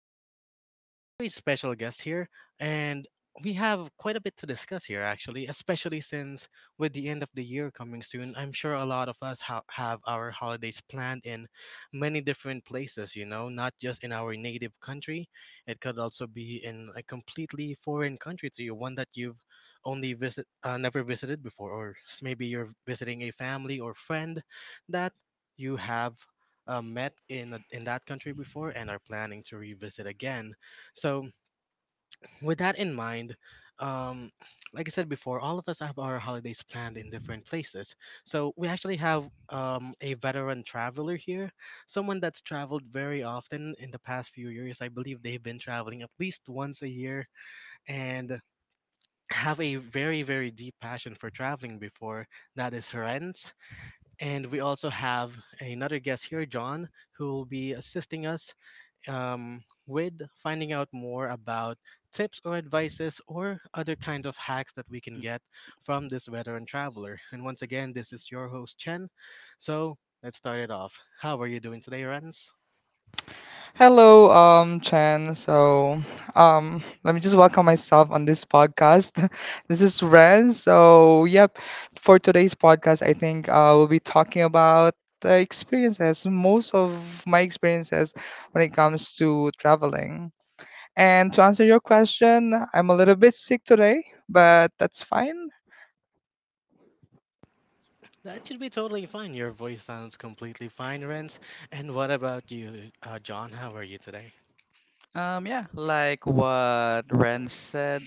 few very special guests here, and we have quite a bit to discuss here, actually, especially since with the end of the year coming soon, I'm sure a lot of us have our holidays planned in many different places, not just in our native country. It could also be in a completely foreign country to you, one that you've only visit never visited before, or maybe you're visiting a family or friend that you have met in that country before and are planning to revisit again. So with that in mind, um, like I said before, all of us have our holidays planned in different places. So we actually have a veteran traveler here, someone that's traveled very often in the past few years. I believe they've been traveling at least once a year and have a very, very deep passion for traveling before. That is Renz. And we also have another guest here, John, who will be assisting us with finding out more about tips or advices or other kinds of hacks that we can get from this veteran traveler. And once again, this is your host, Chen. So let's start it off. How are you doing today, Renz? Hello, Chen. Let me just welcome myself on this podcast. This is Ren. So, yep, for today's podcast, I think we'll be talking about the experiences, most of my experiences when it comes to traveling. And to answer your question, I'm a little bit sick today, but that's fine. That should be totally fine. Your voice sounds completely fine, Renz. And what about you, John? How are you today? Yeah, like what Ren said,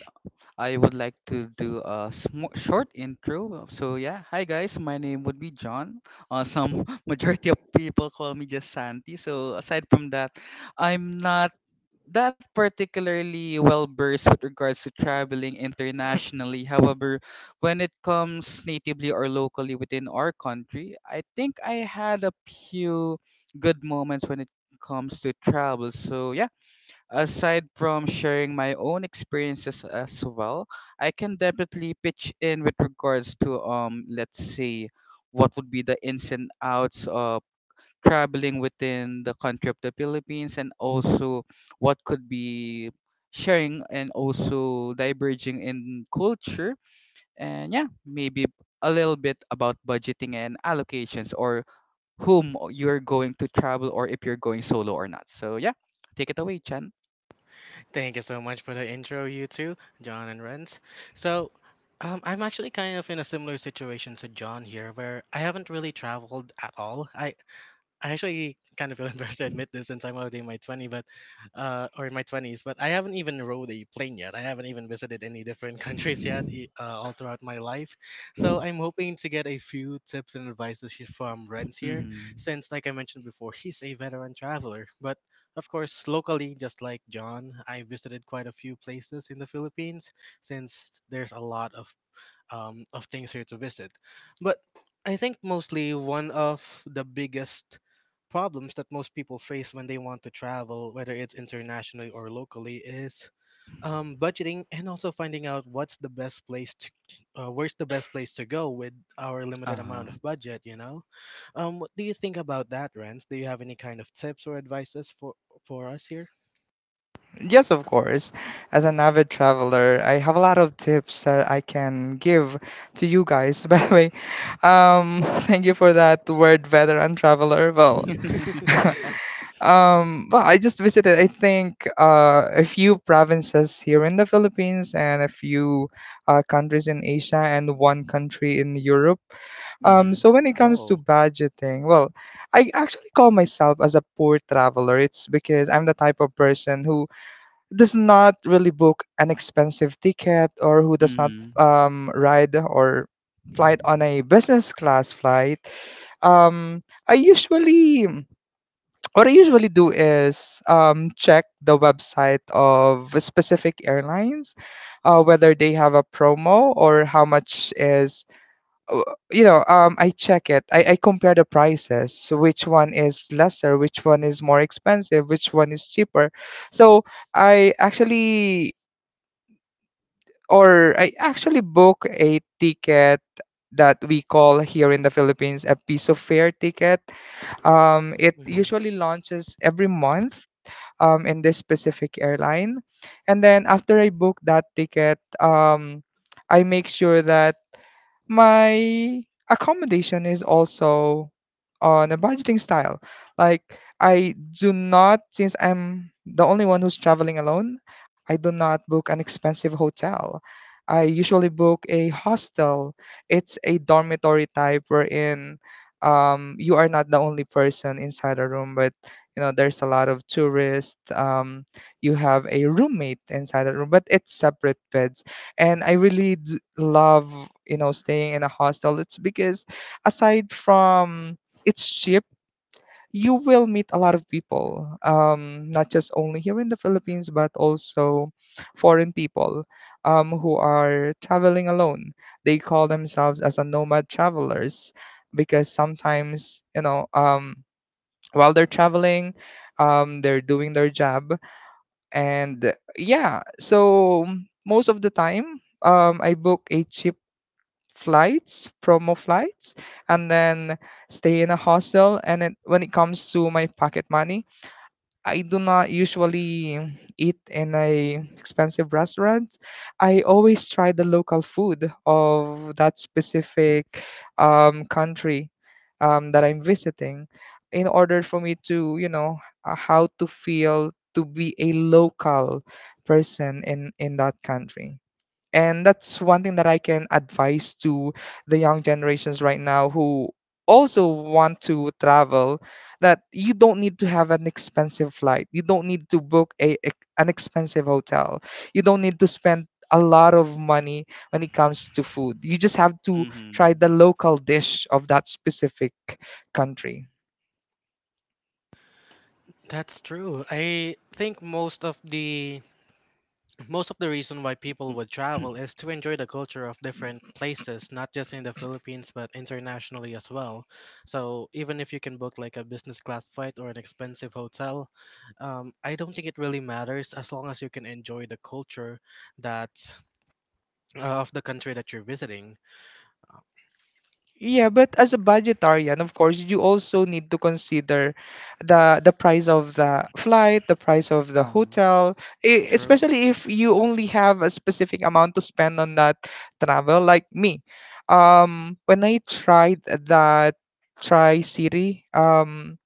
I would like to do a sm short intro. So yeah, hi guys, my name would be John. Some majority of people call me just Santi. So aside from that, I'm not that particularly well versed with regards to traveling internationally. However, when it comes natively or locally within our country, I think I had a few good moments when it comes to travel. So yeah, aside from sharing my own experiences as well, I can definitely pitch in with regards to let's say what would be the ins and outs of traveling within the country of the Philippines, and also what could be sharing and also diverging in culture. And yeah, maybe a little bit about budgeting and allocations, or whom you're going to travel, or if you're going solo or not. So yeah, take it away, Chan. Thank you so much for the intro, you two, John and Renz. So, I'm actually kind of in a similar situation to John here, where I haven't really traveled at all. I actually kind of feel embarrassed to admit this since I'm already in my 20, but or in my 20s, but I haven't even rode a plane yet. I haven't even visited any different countries yet, all throughout my life. So I'm hoping to get a few tips and advices from Renz here, Hmm. since, like I mentioned before, he's a veteran traveler. But of course, locally, just like John, I visited quite a few places in the Philippines, since there's a lot of things here to visit. But I think mostly one of the biggest problems that most people face when they want to travel, whether it's internationally or locally, is budgeting, and also finding out what's the best place where's the best place to go with our limited Uh-huh. amount of budget. What do you think about that, Renz? Do you have any kind of tips or advices for us here? Yes, of course. As an avid traveler, I have a lot of tips that I can give to you guys. By the way, thank you for that word, veteran traveler. Well, well, I just visited, I think, a few provinces here in the Philippines and a few countries in Asia and one country in Europe. Mhm. So when it comes to Whoa. budgeting, well, I actually call myself as a poor traveler. It's because I'm the type of person who does not really book an expensive ticket or who does not Mhm. Ride or flight on a business class flight. Um, I usually What I usually do is check the website of specific airlines, whether they have a promo or how much is uh, I check it. I compare the prices, which one is lesser, which one is more expensive, which one is cheaper. so I actually I actually book a ticket that we call here in the Philippines a piece of fare ticket. It Mhm. usually launches every month in this specific airline. And then after I book that ticket, I make sure that my accommodation is also on a budgeting style. Like, I do not, since I'm the only one who's traveling alone, I do not book an expensive hotel. I usually book a hostel. It's a dormitory type wherein you are not the only person inside a room, but you know there's a lot of tourists. You have a roommate inside the room, but it's separate beds, and I really love, you know, staying in a hostel. It's because aside from it's cheap, you will meet a lot of people, not just only here in the Philippines but also foreign people who are traveling alone. They call themselves as a nomad travelers because sometimes, you know, while they're traveling, they're doing their job. And yeah, so most of the time I book a cheap flights, promo flights, and then stay in a hostel. And then when it comes to my pocket money, I do not usually eat in a expensive restaurant. I always try the local food of that specific country that I'm visiting in order for me to, you know, how to feel to be a local person in that country. And that's one thing that I can advise to the young generations right now who also want to travel, that you don't need to have an expensive flight. You don't need to book a, an expensive hotel. You don't need to spend a lot of money when it comes to food. You just have to try Mhm. the local dish of that specific country. That's true. I think most of the reason why people would travel is to enjoy the culture of different places, not just in the Philippines but internationally as well. So even if you can book like a business class flight or an expensive hotel, I don't think it really matters as long as you can enjoy the culture that of the country that you're visiting. Yeah, but as a budgetarian, of course, you also need to consider the price of the flight, the price of the Uh-huh. hotel, True. especially if you only have a specific amount to spend on that travel, like me. When I tried that Tri-City,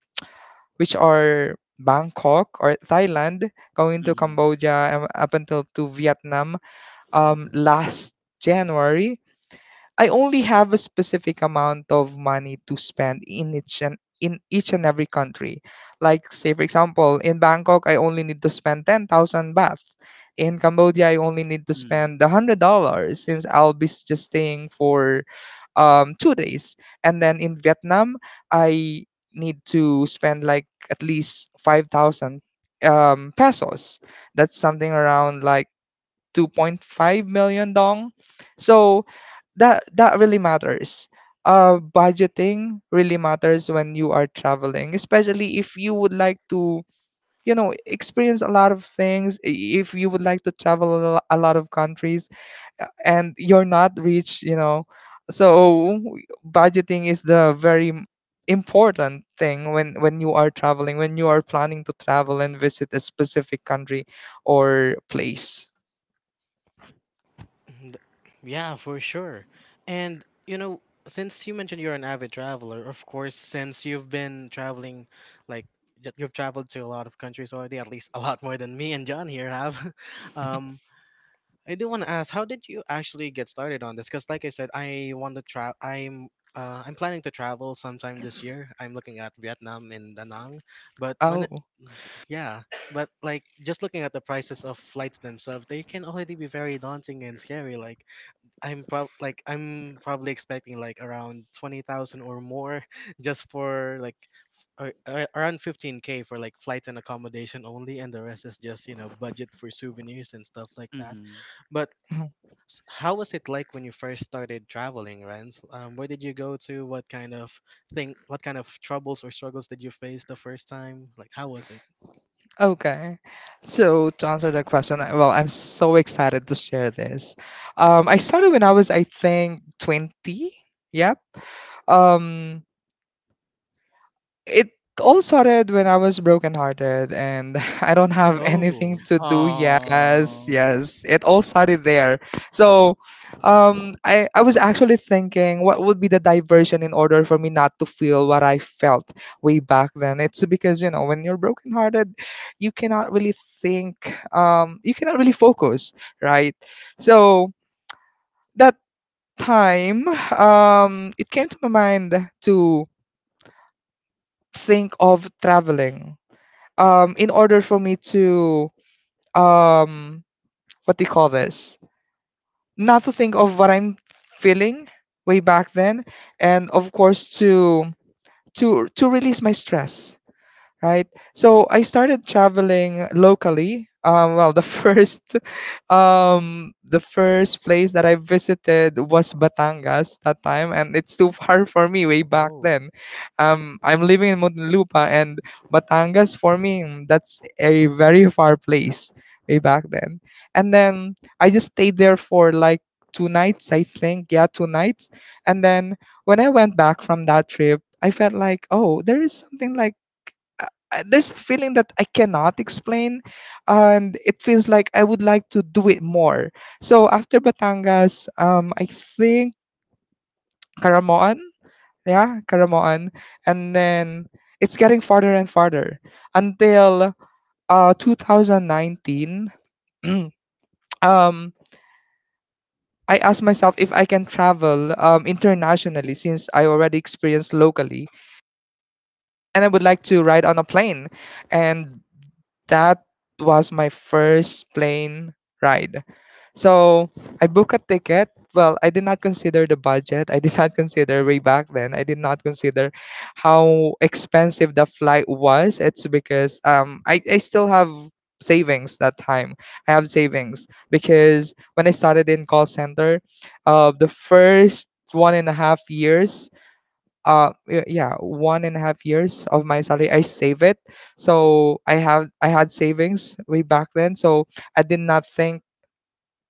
which are Bangkok or Thailand, going to Mhm. Cambodia, up until to Vietnam, last January, I only have a specific amount of money to spend in each and every country. Like say for example, in Bangkok I only need to spend 10,000 baht. In Cambodia I only need to Mhm. spend $100 since I'll be just staying for 2 days. And then in Vietnam I need to spend like at least 5,000 pesos. That's something around like 2.5 million dong. So that really matters. Budgeting really matters when you are traveling, especially if you would like to, you know, experience a lot of things. If you would like to travel a a lot of countries, and you're not rich, you know, so budgeting is the very important thing when you are traveling, when you are planning to travel and visit a specific country or place. And- Yeah, for sure. And, since you mentioned you're an avid traveler, of course, since you've been traveling, like you've traveled to a lot of countries already, at least a lot more than me and John here have. Um, I do want to ask, how did you actually get started on this? Because, like I said, I want to travel. I'm planning to travel sometime this year. I'm looking at Vietnam and Da Nang, but when it, Oh. yeah, but like just looking at the prices of flights themselves, they can already be very daunting and scary. Like, I'm probably expecting like around 20,000 or more just for like around 15K for like flights and accommodation only, and the rest is just budget for souvenirs and stuff like that. Mhm. But how was it like when you first started traveling, Renz? Where did you go to? What kind of troubles or struggles did you face the first time? Like, how was it? Okay. So to answer that question, well, I'm so excited to share this. I started when I was, I think, 20. Yep. Um, it all started when I was brokenhearted and I don't have anything Oh, to do. Yes, Oh. yes. It all started there. So I was actually thinking what would be the diversion in order for me not to feel what I felt way back then. It's because, you know, when you're brokenhearted, you cannot really think, you cannot really focus, right? So that time, it came to my mind to think of traveling in order for me to, um what do you call this, not to think of what I'm feeling way back then, and of course to release my stress, right? So I started traveling locally. Well, the first, The first place that I visited was Batangas that time, and it's too far for me way back oh. then. I'm living in Muntinlupa, and Batangas for me, that's a very far place way back then. And then I just stayed there for like 2 nights, I think, yeah, 2 nights. And then when I went back from that trip, I felt like, oh, there is something like there's a feeling that I cannot explain, and it feels like I would like to do it more. So after Batangas, I think Caramoan, yeah, Caramoan, and then it's getting farther and farther until 2019. Um, I asked myself if I can travel internationally since I already experienced locally, and I would like to ride on a plane, and that was my first plane ride. So I booked a ticket. Well, I did not consider the budget. I did not consider way back then. I did not consider how expensive the flight was. It's because I still have savings that time. I have savings because when I started in call center, the first 1.5 years, yeah, 1.5 years of my salary I save it. So I have, I had savings way back then. So I did not think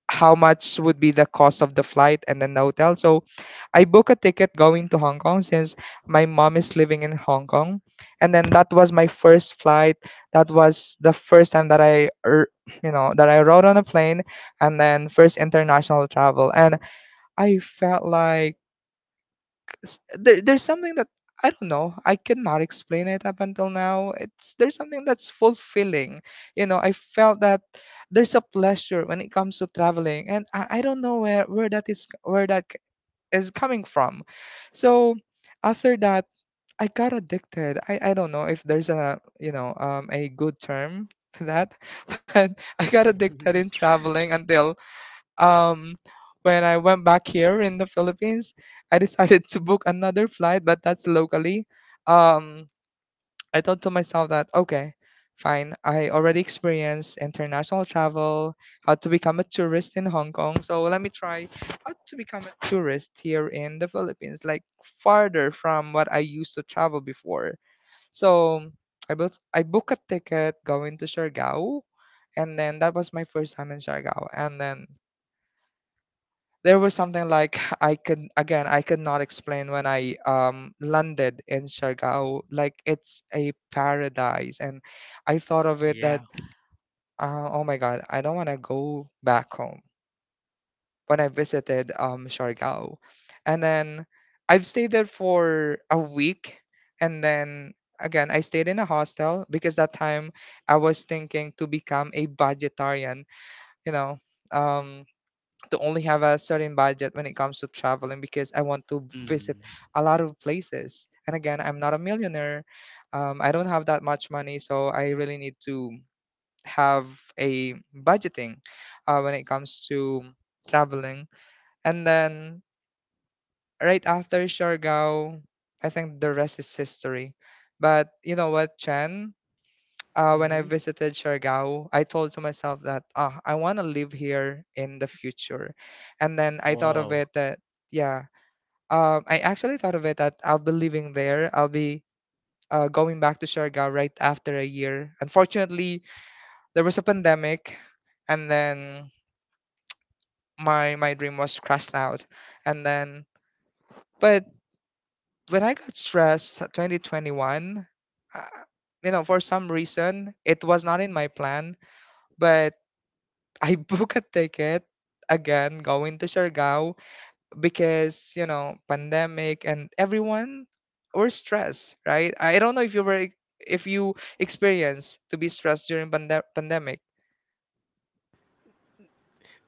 how much would be the cost of the flight and then the hotel. So I book a ticket going to Hong Kong, since my mom is living in Hong Kong. And then that was my first flight. That was the first time that I, you know, that I rode on a plane, and then first international travel. And I felt like, there's something that I don't know. I cannot explain it up until now. It's there's something that's fulfilling. You know, I felt that there's a pleasure when it comes to traveling, and I don't know where that is, is coming from. So after that, I got addicted. I don't know if there's a, you know, a good term for that, but I got addicted in traveling until, um, when I went back here in the Philippines, I decided to book another flight, but that's locally. Um, I thought to myself that okay, fine. I already experienced international travel, how to become a tourist in Hong Kong, so let me try how to become a tourist here in the Philippines, like farther from what I used to travel before. So I booked a ticket going to Siargao, and then that was my first time in Siargao. And then there was something like I could not explain when I landed in Siargao. Like it's a paradise, and I thought of it that, Yeah. Oh my god, I don't want to go back home when I visited Siargao. And then I've stayed there for a week. And then again I stayed in a hostel because that time I was thinking to become a budgetarian, you know. Um, to only have a certain budget when it comes to traveling because I want to visit Mhm. a lot of places. And again, I'm not a millionaire. I don't have that much money, so I really need to have a budgeting when it comes to traveling. And then right after Siargao, I think the rest is history. But you know what, Chen? When I Mhm. visited Siargao, I told to myself that, ah, I want to live here in the future. And then I thought of Wow. it that, yeah, I actually thought of it that I'll be living there. I'll be going back to Siargao right after a year. Unfortunately, there was a pandemic, and then my dream was crashed out, and then but when I got stressed, 2021. Uh, you know, for some reason, it was not in my plan, but I book a ticket again going to Siargao because, you know, pandemic and everyone were stressed, right? I don't know if you were if you experienced to be stressed during pandemic.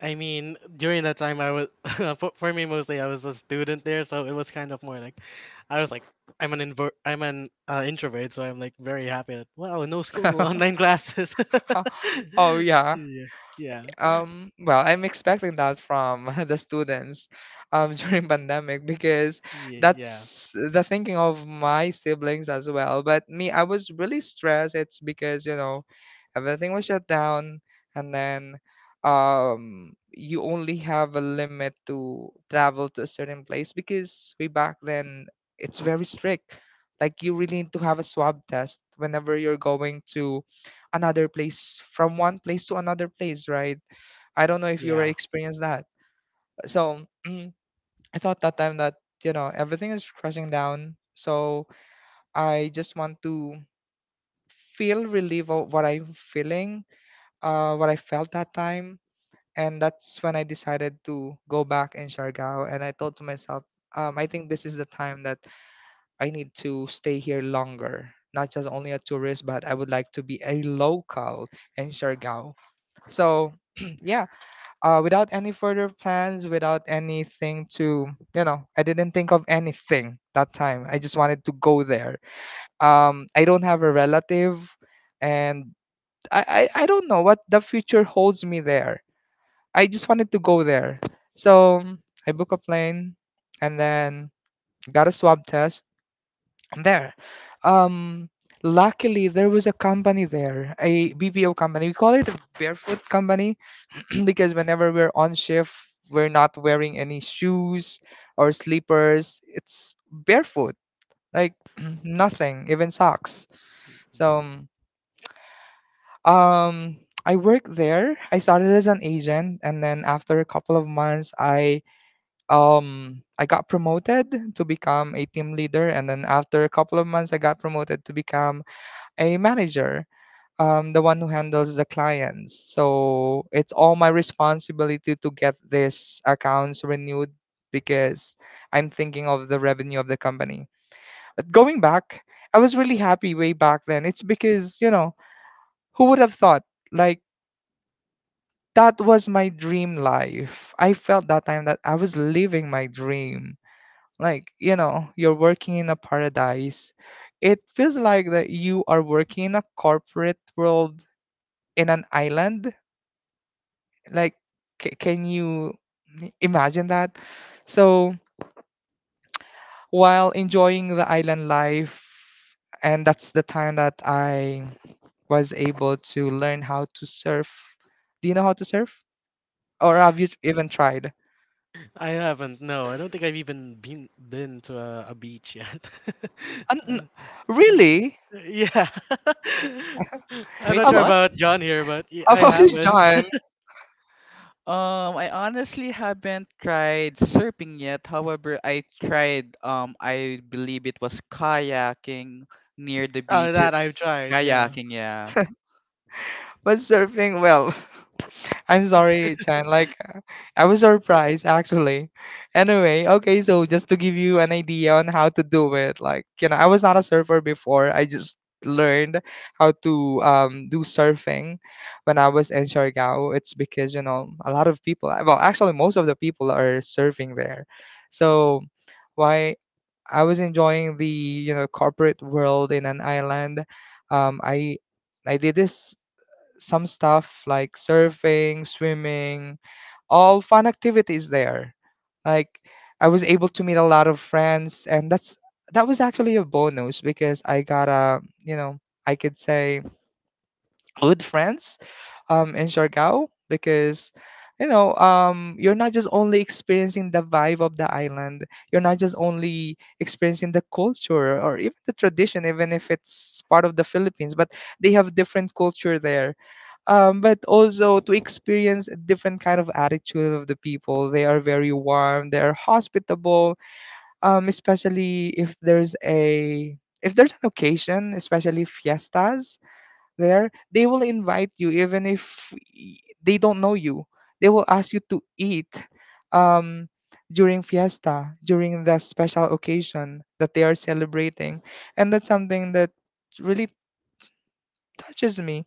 I mean, during that time, I was for me mostly I was a student there, so it was kind of more like I was like I'm an inver- I'm an introvert, so I'm like very happy that wow, no school, online classes. Oh yeah. Yeah, yeah, Well, I'm expecting that from the students during pandemic because yeah, yeah, that's the thinking of my siblings as well, but me, I was really stressed. It's because, you know, everything was shut down, and then you only have a limit to travel to a certain place because way back then it's very strict. Like, you really need to have a swab test whenever you're going to another place from one place to another place, right? I don't know if you ever yeah. experienced that. So I thought that time that, you know, everything is crashing down. So I just want to feel relief of what I'm feeling, what I felt that time, and that's when I decided to go back in Siargao. And I thought to myself, I think this is the time that I need to stay here longer. Not just only a tourist, but I would like to be a local in Siargao. So yeah, without any further plans, without anything to, you know, I didn't think of anything that time. I just wanted to go there. I don't have a relative, and I don't know what the future holds me there. I just wanted to go there. So I book a plane and then got a swab test. I'm there. Um, Luckily, there was a company there, a BPO company. We call it a barefoot company because whenever we're on shift, we're not wearing any shoes or slippers. It's barefoot, like nothing, even socks. So um, I worked there. I started as an agent, and then after a couple of months, I got promoted to become a team leader, and then after a couple of months, I got promoted to become a manager. The one who handles the clients. So it's all my responsibility to get these accounts renewed because I'm thinking of the revenue of the company. But going back, I was really happy way back then. It's because, you know, who would have thought? Like, that was my dream life. I felt that time that I was living my dream. Like, you know, you're working in a paradise. It feels like that you are working in a corporate world in an island, like can you imagine that? So while enjoying the island life, and that's the time that I was able to learn how to surf. Do you know how to surf, or have you even tried? I haven't. No, I don't think I've even been to a beach yet. Uh, n- really? Yeah, I'm Wait, not How sure about, what? about John here, but how I about you, haven't. John? I honestly haven't tried surfing yet. However, I tried, I believe it was kayaking near the beach. That I've tried. Yeah. Kayaking, yeah. But surfing, well, I'm sorry, Chan. Like, I was surprised actually. Anyway, okay, so just to give you an idea on how to do it, like, you know, I was not a surfer before. I just learned how to do surfing when I was in Siargao. It's because, you know, a lot of people. Well, actually, most of the people are surfing there. So why I was enjoying the, you know, corporate world in an island. I I did this some stuff like surfing, swimming, all fun activities there. Like, I was able to meet a lot of friends, and that's that was actually a bonus because I got a, you know, I could say good friends in Siargao because, you know, you're not just only experiencing the vibe of the island, you're not just only experiencing the culture or even the tradition, even if it's part of the Philippines, but they have different culture there, but also to experience a different kind of attitude of the people. They are very warm. They are hospitable. Especially if there's an occasion, especially fiestas there, they will invite you even if they don't know you. They will ask you to eat um, during fiesta, during the special occasion that they are celebrating. And that's something that really touches me.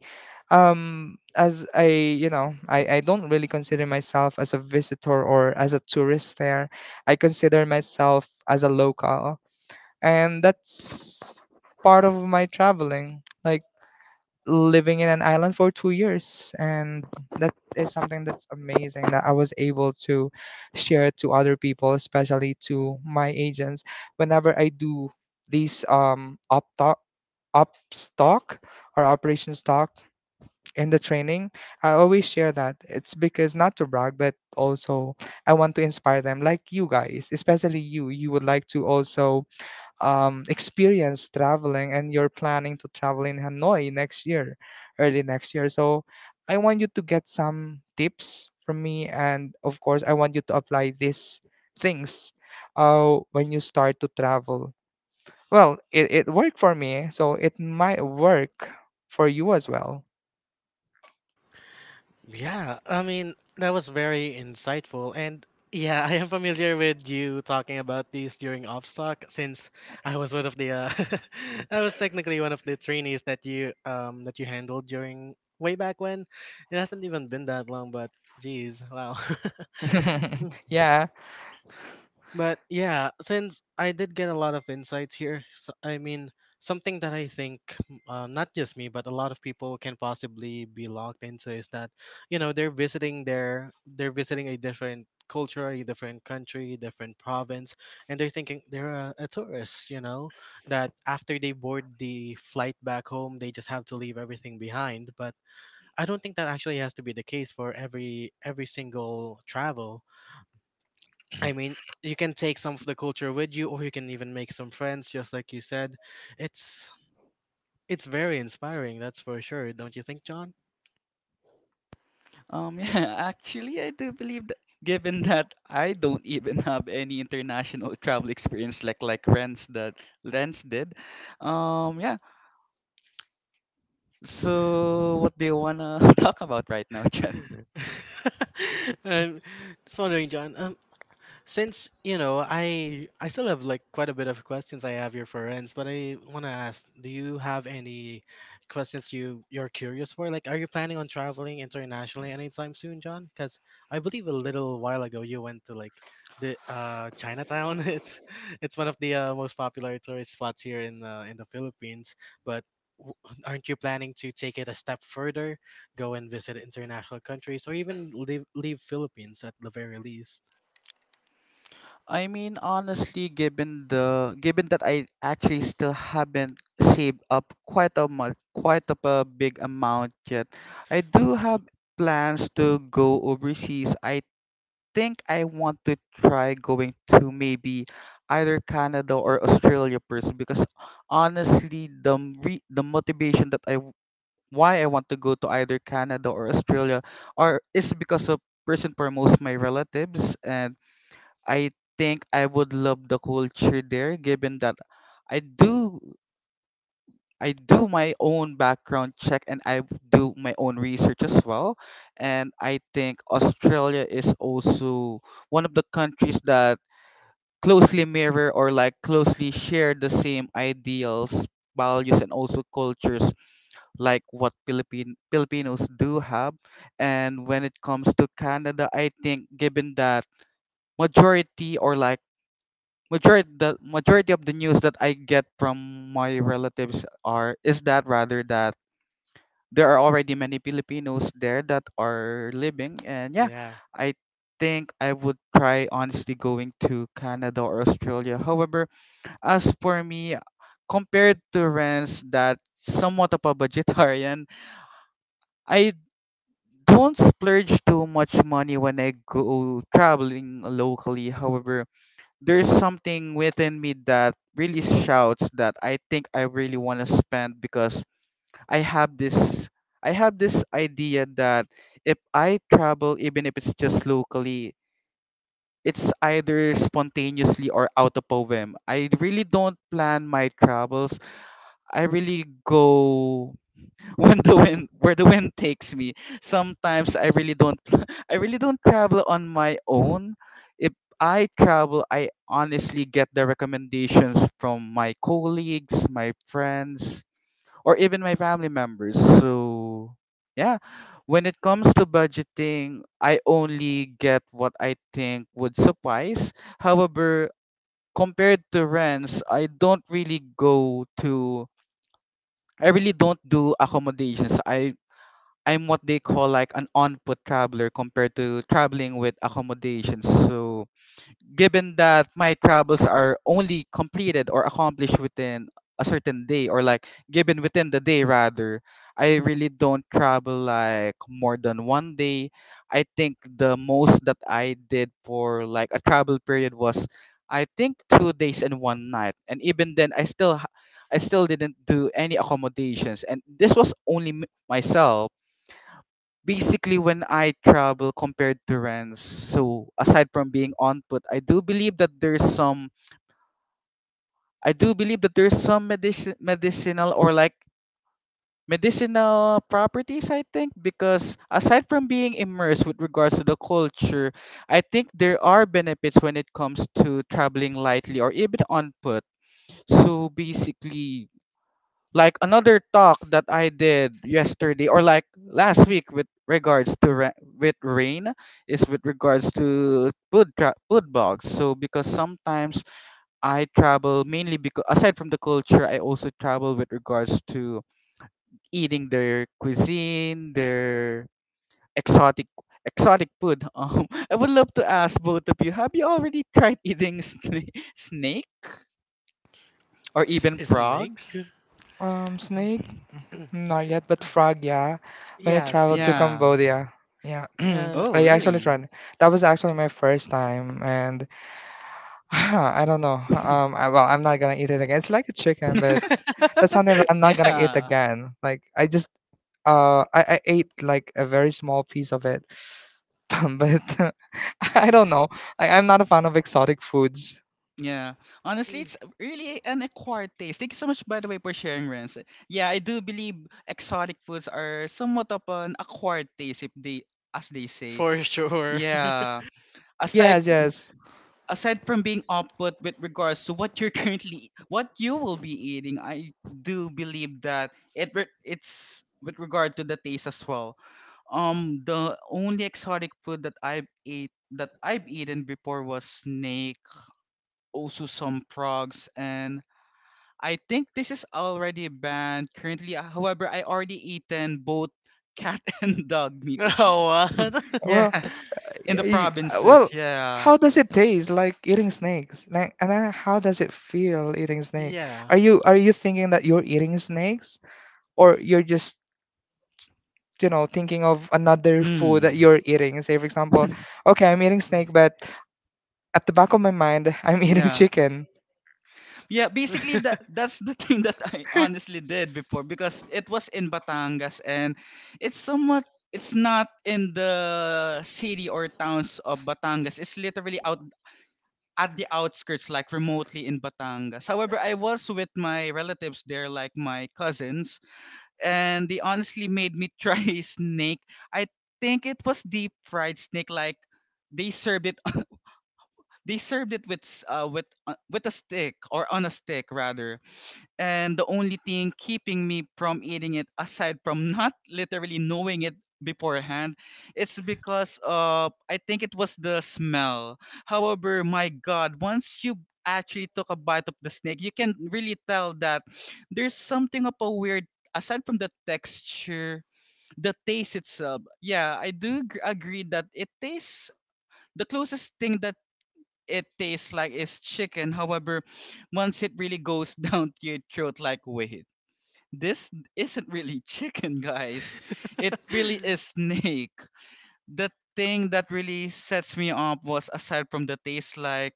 As I, you know, I don't really consider myself as a visitor or as a tourist there. I consider myself as a local. And that's part of my traveling. Like, living in an island for 2 years. And that is something that's amazing that I was able to share to other people, especially to my agents. Whenever I do these up talk up stock or operations stock in the training, I always share that. It's because not to brag, but also I want to inspire them. Like, you guys, especially you, you would like to also experience traveling, and you're planning to travel in Hanoi next year, early next year. So I want you to get some tips from me. And of course, I want you to apply these things when you start to travel. Well, it worked for me, so it might work for you as well. Yeah, I mean, that was very insightful. And yeah, I am familiar with you talking about these during Obstock, since I was one of the I was technically one of the trainees that you handled during way back when. It hasn't even been that long, but geez, wow. Yeah. But yeah, since I did get a lot of insights here, so, I mean, something that I think, not just me, but a lot of people can possibly be locked into is that, they're visiting their they're visiting a different culture, a different country, different province, and they're thinking they're a tourist, that after they board the flight back home, they just have to leave everything behind. But I don't think that actually has to be the case for every single travel. I mean, you can take some of the culture with you, or you can even make some friends, just like you said. It's it's very inspiring, that's for sure. Don't you think, John? Yeah, actually, I do believe that given that I don't even have any international travel experience like Renz did. Yeah. So what do you wanna talk about right now, Jen? I'm just wondering, John. Since, I still have like quite a bit of questions I have here for Renz, but I want to ask, do you have any questions you're curious for? Like, are you planning on traveling internationally anytime soon, John? Because I believe a little while ago you went to like the Chinatown. It's one of the most popular tourist spots here in the Philippines, but w- aren't you planning to take it a step further, go and visit international countries, or even leave Philippines at the very least? I mean, honestly, given that I actually still haven't saved up quite of a big amount yet, I do have plans to go overseas. I think I want to try going to maybe either Canada or Australia first because honestly, the motivation that why I want to go to either Canada or Australia are is because of first and foremost my relatives, and I think I would love the culture there given that I do. I do my own background check and I do my own research as well. And I think Australia is also one of the countries that closely mirror or like closely share the same ideals, values, and also cultures like what Philippine Filipinos do have. And when it comes to Canada, I think given that majority or like majority of the news that I get from my relatives are is that rather that there are already many Filipinos there that are living. And yeah, Yeah. I think I would try honestly going to Canada or Australia. However, as for me, compared to Renz, that somewhat of a budgetarian, I don't splurge too much money when I go traveling locally. However, there's something within me that really shouts that I think I really want to spend because I have this I have this idea that if I travel, even if it's just locally, it's either spontaneously or out of poem. I really don't plan my travels. I really go when the wind where the wind takes me. Sometimes I really Mhm. don't I really don't travel on my own. If I travel, I honestly get the recommendations from my colleagues, my friends, or even my family members. So, yeah, when it comes to budgeting, I only get what I think would suffice. However, compared to Rents, I don't really go to I really don't do accommodations. I'm what they call like an on-foot traveler compared to traveling with accommodations. So, given that my travels are only completed or accomplished within a certain day, or like, given within the day rather, I really don't travel like more than one day. I think the most that I did for like a travel period was, I think, 2 days and one night. And even then, I still I still didn't do any accommodations, and this was only myself basically when I travel compared to Rents. So aside from being on put, I do believe that there's some medicinal or like medicinal properties, I think, because aside from being immersed with regards to the culture, I think there are benefits when it comes to traveling lightly or even on put. So basically, like another talk that I did yesterday or like last week with regards to with Rain is with regards to food blogs. So because sometimes I travel mainly because aside from the culture, I also travel with regards to eating their cuisine, their exotic exotic food. I would love to ask both of you: have you already tried eating sna- snake or S- even Snake? frogs? Snake. Hmm, not yet, but frog, yeah. When I Yeah, traveled to same. Yeah. Cambodia, yeah, Uh, Oh, I actually really? tried. That was actually my first time, and I don't know. Well, I'm not gonna eat it again. It's like a chicken, but that's something that I'm not gonna eat Yeah. again. Like, I ate like a very small piece of it, but I don't know. I'm not a fan of exotic foods. Yeah. Honestly, it's really an acquired taste. Thank you so much, by the way, for sharing, Renz. Yeah, I do believe exotic foods are somewhat of an acquired taste, if they, as they say. for sure. Yeah. Aside Yes, yes. aside from being output with regards to what you're currently, what you will be eating, I do believe that it's with regard to the taste as well. The only exotic food that I've eaten before was snake, also some frogs, and I think this is already banned currently. However, I already eaten both cat and dog meat. If- Oh, what? Well, Yes, in the provinces. well, Yeah. how does it taste like eating snakes? Like, and then how does it feel eating snake? Yeah. Are you, are you thinking that you're eating snakes, or you're just, you know, thinking of another food that Mm. you're eating? Say, for example, okay, I'm eating snake, but at the back of my mind, I'm eating Yeah. chicken. Yeah, basically that's the thing that I honestly did before because it was in Batangas, and it's not in the city or towns of Batangas. It's literally out at the outskirts, like remotely in Batangas. However, I was with my relatives there, like my cousins, and they honestly made me try snake. I think it was deep fried snake. Like, they served it, they served it with with a stick, or on a stick rather. And the only thing keeping me from eating it, aside from not literally knowing it beforehand, it's because, I think, it was the smell. However, my god, once you actually took a bite of the snake, you can really tell that there's something of a weird, aside from the texture. The taste itself, yeah, I do agree that it tastes, the closest thing that it tastes like is chicken. However, once it really goes down to your throat, like, wait, this isn't really chicken, guys. It really is snake. The thing that really sets me up was aside from the taste, like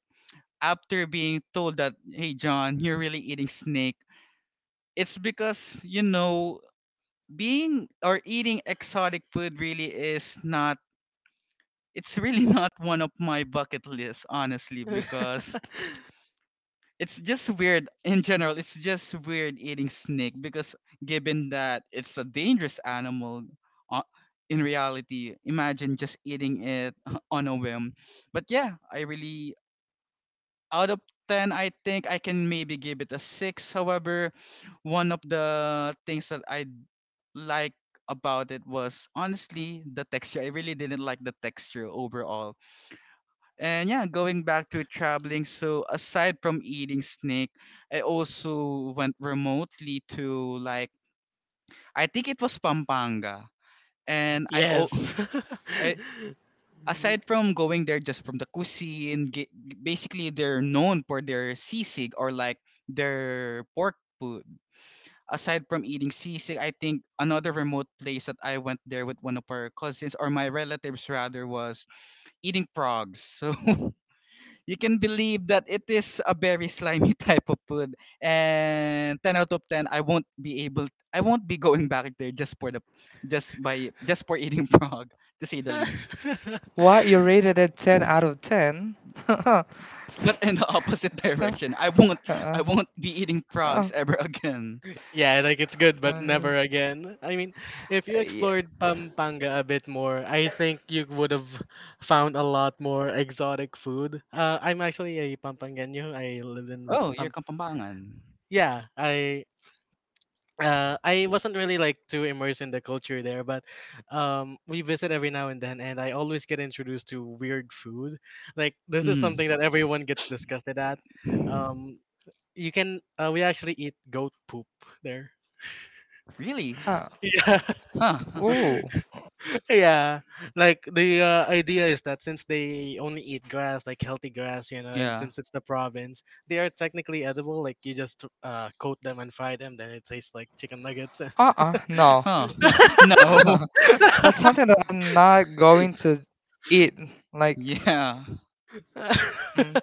after being told that, hey, John, you're really eating snake, it's because, being or eating exotic food really is not, it's really not one of my bucket lists, honestly, because it's just weird in general. It's just weird eating snake because, given that it's a dangerous animal, uh, in reality, imagine just eating it on a whim. But yeah, I really out of ten, I think I can maybe give it a six. However, one of the things that I like about it was honestly the texture. I really didn't like the texture overall. And yeah, going back to traveling, so aside from eating snake, I also went remotely to, like, I think it was Pampanga. And I o- Yes. I, aside from going there just from the cuisine, basically they're known for their sisig, or like their pork food. Aside from eating sisig, I think another remote place that I went there with one of our cousins or my relatives rather was eating frogs. So you can believe that it is a very slimy type of food. And ten out of ten, I won't be going back there just for the, just by, just for eating frog, to say the least. Why you rated it ten out of ten? uh, But in the opposite direction, I won't be eating uh, frogs ever again. Yeah, like it's good, but uh, never again. I mean, if you yeah, explored Pampanga a bit more, I think you would have found a lot more exotic food. I'm actually a Pampangano. I lived in Ba- Oh, you're Pam. Kapampangan. Yeah, I wasn't really like too immersed in the culture there, but we visit every now and then, and I always get introduced to weird food. Like, this is Mm. something that everyone gets disgusted at. Um, you can, we actually eat goat poop there. Really? uh, Yeah. Huh. ooh, Yeah, like the idea is that since they only eat grass, like healthy grass, and yeah. since it's the province, they are technically edible. Like you just coat them and fry them, then it tastes like chicken nuggets. uh-uh, no. Huh. no. That's something that I'm not going to eat. Like. Yeah. mm,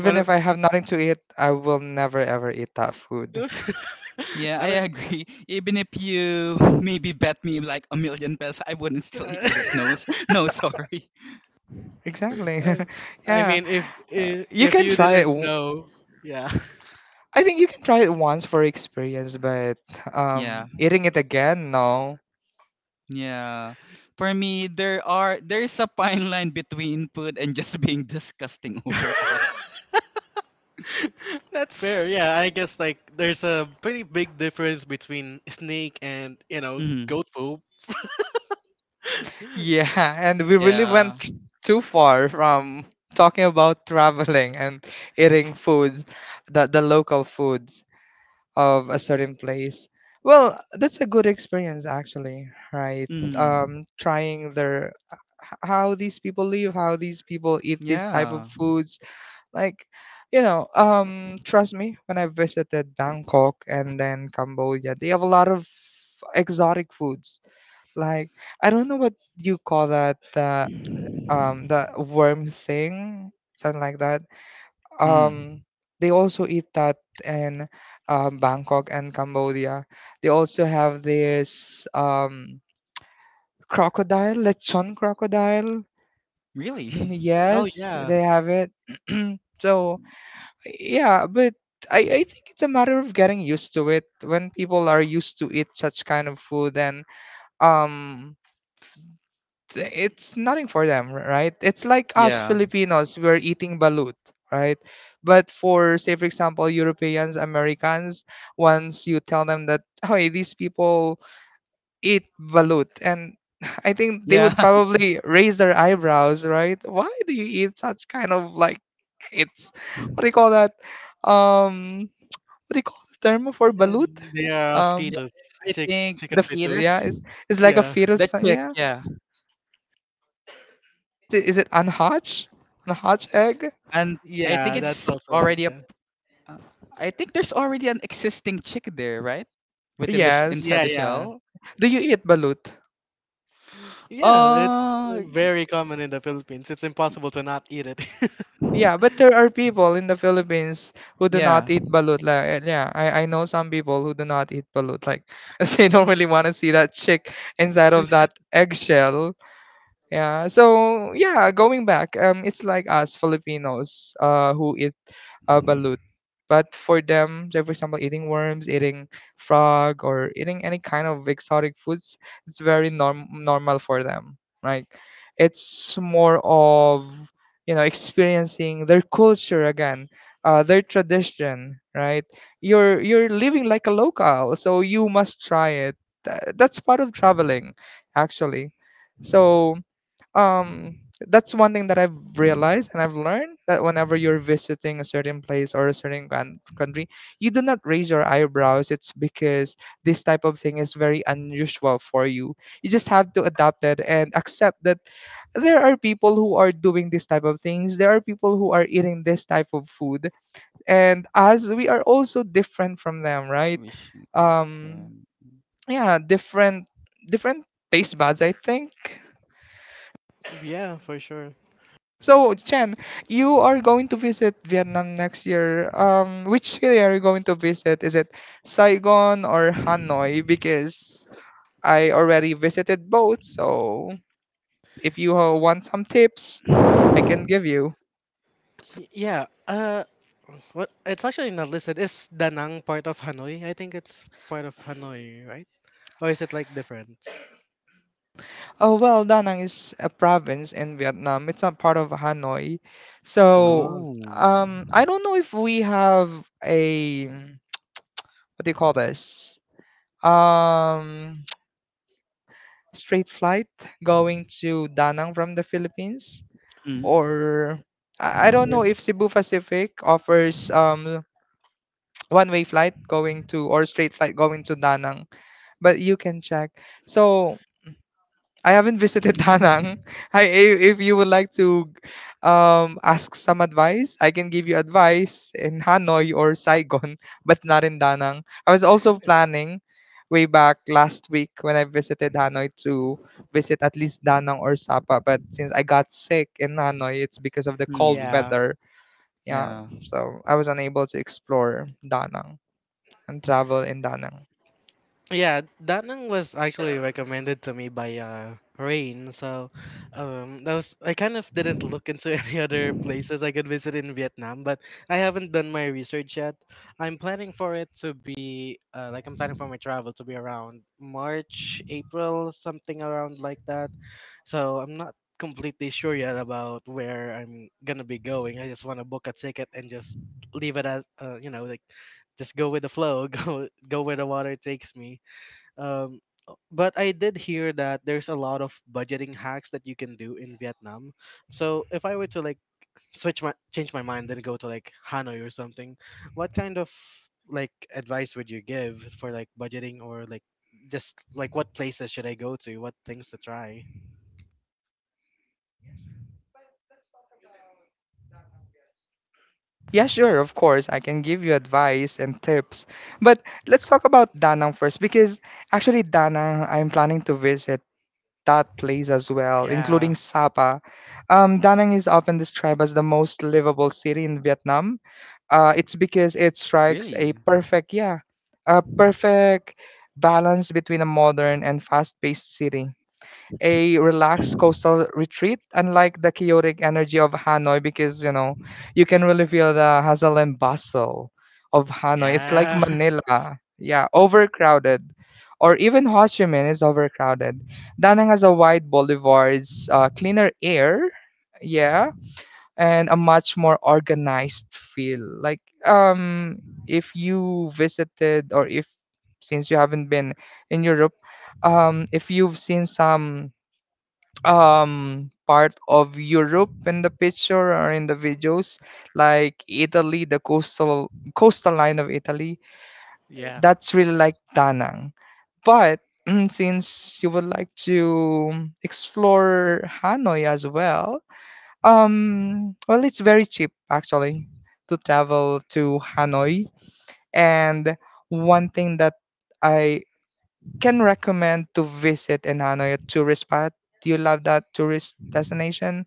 What? A- if I have nothing to eat, I will never ever eat that food. Yeah, I I don't- agree. Even if you maybe bet me like a million pesos, I wouldn't still eat it. No, s- no, sorry. Exactly. Uh, I Yeah. mean, if if, You if can you try it. didn't know, yeah. I think you can try it once for experience, but Yeah, eating it again, no. yeah. For me, there's a fine line between food and just being disgusting overall. That's fair. Yeah, I guess like there's a pretty big difference between snake and Mm, goat poop. Yeah, and we really yeah. went too far from talking about traveling and eating foods, the local foods. Of a certain place. Well, that's a good experience actually, right? Mm, Trying their how these people live, how these people eat these type of yeah. foods. Like, you know, trust me, when I visited Bangkok and then Cambodia, they have a lot of exotic foods. Like, I don't know what you call that, that worm thing, something like that. um Mm, they also eat that in Bangkok and Cambodia. They also have this crocodile, lechon crocodile. really? Oh Yes, yeah, they have it. So yeah, but I think it's a matter of getting used to it. When people are used to eat such kind of food, and um it's nothing for them, right? It's like us Yeah. Filipinos, we're eating balut, right? But for, say, for example, Europeans, Americans, once you tell them that, hey, these people eat balut, and I think they Yeah. would probably raise their eyebrows, right? Why do you eat such kind of, like, it's what do you call that? Um, what do you call the term for balut? and they are Um, yeah. fetus, I chick think chicken it fetus. yeah, is it's like a Yeah, the fetus. Chick. Yeah, Yeah, is it unhatch? Unhatch egg? and I think yeah, Mm. that's it's also like, already a yeah, Uh, I think there's already an existing chick there, right? Within the sh- Yes. inside yeah, the yeah, shell. Do you eat balut? yeah. It's Uh, very common in the Philippines. It's impossible to not eat it. Yeah, but there are people in the Philippines who do not yeah. eat balut. Like, eh, yeah, I know some people who do not eat balut. Like, they don't really want to see that chick inside of that eggshell. Yeah. So yeah, going back, it's like us Filipinos, who eat a balut. But for them, say for example, eating worms, eating frog, or eating any kind of exotic foods, it's very normal for them. Like, it's more of, you know, experiencing their culture again, their tradition, right? You're living like a local, so you must try it. That's part of traveling, actually. So um that's one thing that I've realized and I've learned that whenever you're visiting a certain place or a certain country, you do not raise your eyebrows. It's because this type of thing is very unusual for you. You just have to adapt it and accept that there are people who are doing this type of things. There are people who are eating this type of food, and as we are also different from them, right? Wishing Um, token. yeah, different taste buds, I think. Yeah, for sure. So, Chen, you are going to visit Vietnam next year. Which city are you going to visit? Is it Saigon or Hanoi? Because I already visited both, so if you want some tips, I can give you. Yeah, what it's actually not listed. Is Danang part of Hanoi? I think it's part of Hanoi, right? Or is it like different? Oh, well, Da Nang is a province in Vietnam. It's not part of Hanoi. So, Oh, Oh. I don't know if we have a, what do you call this? Um, Straight flight going to Danang from the Philippines, Mm. or I don't know if Cebu Pacific offers one-way flight going to or straight flight going to Danang, but you can check. So I haven't visited Danang. I if you would like to ask some advice, I can give you advice in Hanoi or Saigon, but not in Danang. I was also planning way back last week when I visited Hanoi to visit at least Danang or Sapa, but since I got sick in Hanoi, it's because of the cold Hmm. yeah. weather. Yeah, Yeah. so I was unable to explore Danang and travel in Danang. Yeah, Danang was actually recommended to me by Rain. So that was I kind of didn't look into any other places I could visit in Vietnam, but I haven't done my research yet. I'm planning for my travel to be around March, April, something around like that. So I'm not completely sure yet about where I'm gonna be going. I just want to book a ticket and just leave it as like just go with the flow, go where the water takes me, um but I did hear that there's a lot of budgeting hacks that you can do in Vietnam. So if I were to like switch my change my mind and go to like Hanoi or something, what kind of like advice would you give for like budgeting, or like, just like what places should I go to, what things to try? Yeah, sure, of course. I can give you advice and tips. But let's talk about Danang first because actually Danang, I'm planning to visit that place as well, Yeah, including Sapa. Danang is often described as the most livable city in Vietnam. It's because it strikes Really? a perfect, yeah, a perfect balance between a modern and fast-paced city a relaxed coastal retreat, unlike the chaotic energy of Hanoi, because you know you can really feel the hustle and bustle of Hanoi. It's like yeah, Manila, yeah, overcrowded, or even Ho Chi Minh is overcrowded. Da Nang has a wide boulevards, cleaner air, yeah, and a much more organized feel. Like if you visited or if since you haven't been in Europe if you've seen some part of Europe in the picture or in the videos, like Italy, the coastal line of Italy. yeah, That's really like Danang. But since you would like to explore Hanoi as well, well, it's very cheap actually to travel to Hanoi. And one thing that I can recommend to visit in Hanoi, a tourist spot. Do you love that tourist destination?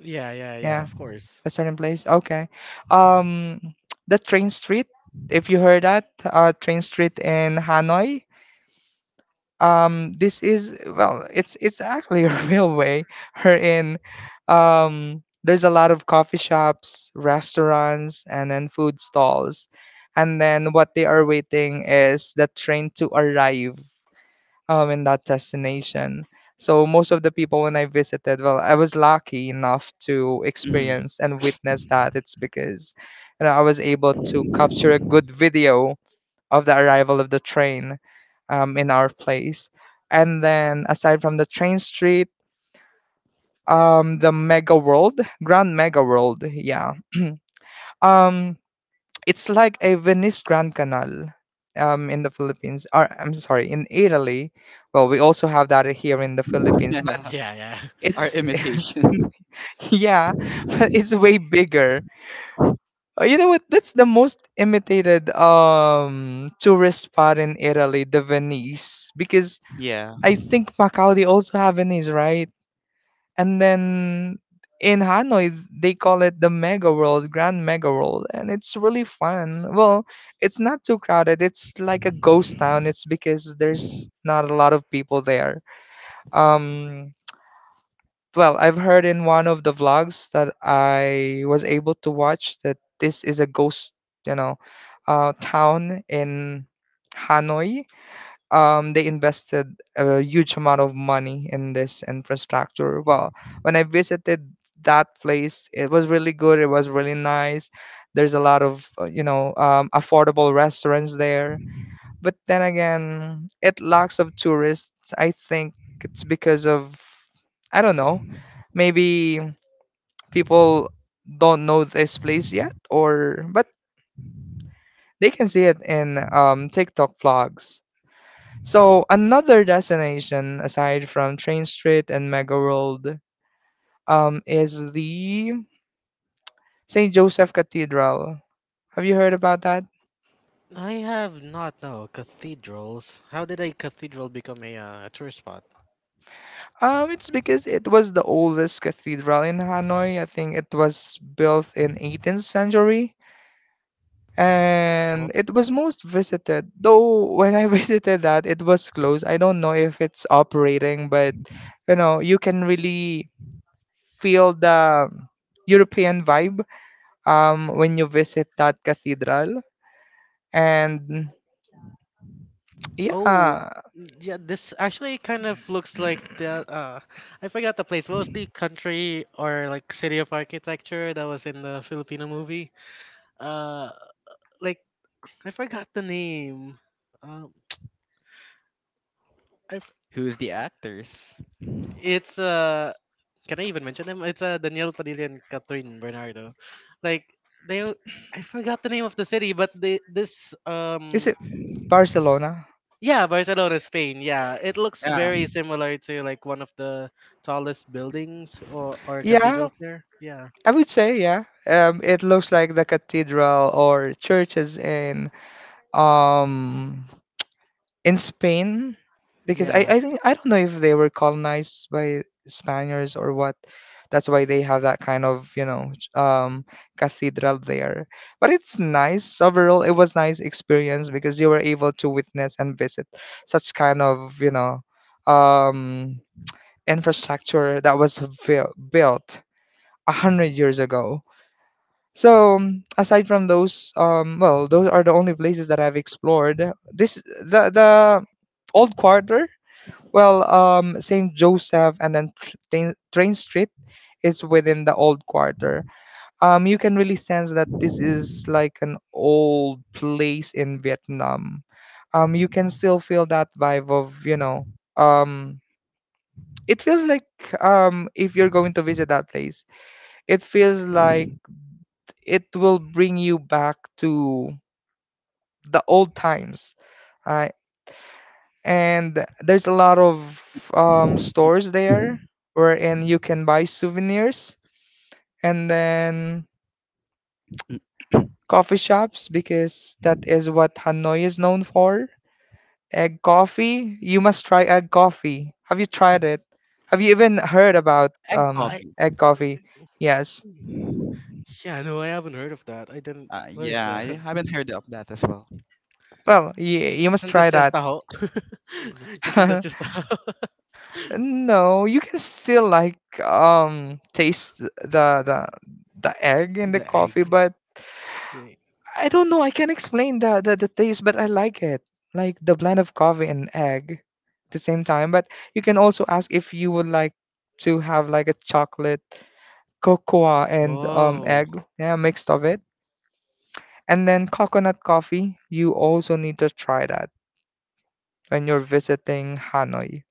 yeah, yeah, yeah, Yeah, of course, a certain place. Okay. Um, the train street. If you heard that, train street in Hanoi. This is well, it's actually a railway. Her in. There's a lot of coffee shops, restaurants, and then food stalls. And then what they are waiting is the train to arrive in that destination. So most of the people when I visited, well, I was lucky enough to Mm. experience and witness that. It's because you know, I was able to capture a good video of the arrival of the train in our place. And then aside from the train street, the Mega World, Grand Mega World, yeah. Um, it's like a Venice Grand Canal in the Philippines. Or I'm sorry, in Italy. Well, we also have that here in the Philippines, but Yeah. yeah, yeah. Our it's imitation. yeah, but it's way bigger. You know what? That's the most imitated tourist spot in Italy, the Venice, because yeah. I think Macau they also have Venice, right? And then in Hanoi they call it the Mega World, Grand Mega World, and it's really fun. Well, it's not too crowded. It's like a ghost town. It's because there's not a lot of people there. Um, well, I've heard in one of the vlogs that I was able to watch that this is a ghost, you know, town in Hanoi they invested a huge amount of money in this infrastructure. Well, when I visited that place, it was really good. It was really nice. There's a lot of you know affordable restaurants there. But then again, it lacks of tourists. I think it's because of I don't know. Maybe people don't know this place yet, or but they can see it in TikTok vlogs. So another destination aside from Train Street and Mega World is the St. Joseph Cathedral. Have you heard about that? I have not no cathedrals. How did a cathedral become a tourist spot? It's because it was the oldest cathedral in Hanoi. I think it was built in 18th century Oh, and it was most visited. Though when I visited that, it was closed. I don't know if it's operating, but you know, you can really feel the European vibe when you visit that cathedral and oh, yeah yeah. This actually kind of looks like the. Uh, I forgot the place. What was the country or like city of architecture that was in the Filipino movie? Uh, like I forgot the name. Um, I. f- Who's the actors? It's. Can I even mention them? It's Daniel Padilla and Catherine Bernardo. Like they. I forgot the name of the city, but they this is it Barcelona? Yeah, Barcelona, Spain. Yeah, it looks Yeah. very similar to like one of the tallest buildings or Yeah, cathedrals there. Yeah, I would say yeah it looks like the cathedral or churches um in Spain because I, yeah. I think I don't know if they were colonized by Spaniards or what. That's why they have that kind of you know cathedral there. But it's nice overall. It was nice experience because you were able to witness and visit such kind of you know um, infrastructure that was built a hundred years ago. So aside from those, well, those are the only places that I've explored. This the old quarter. Well, Saint Joseph and then Train Street is within the old quarter. You can really sense that this is like an old place in Vietnam. You can still feel that vibe of you know. Um, it feels like if you're going to visit that place, it feels like it will bring you back to the old times. Uh, and there's a lot of stores there wherein you can buy souvenirs and then Mm, coffee shops because that is what Hanoi is known for. Egg coffee, you must try egg coffee. Have you tried it? Have you even heard about egg I copy. egg coffee? Yes. yeah, no, I haven't heard of that. I didn't. What is Yeah, I that? haven't heard of that as well. Well, you must Isn't try this just that. a ho? Isn't this just a No, you can still like taste the egg in the the coffee, egg? but Yeah. I don't know. I can't explain the taste, but I like it. Like the blend of coffee and egg at the same time. But you can also ask if you would like to have like a chocolate cocoa and Whoa, egg, yeah, mixed of it. And then coconut coffee, you also need to try that when you're visiting Hanoi.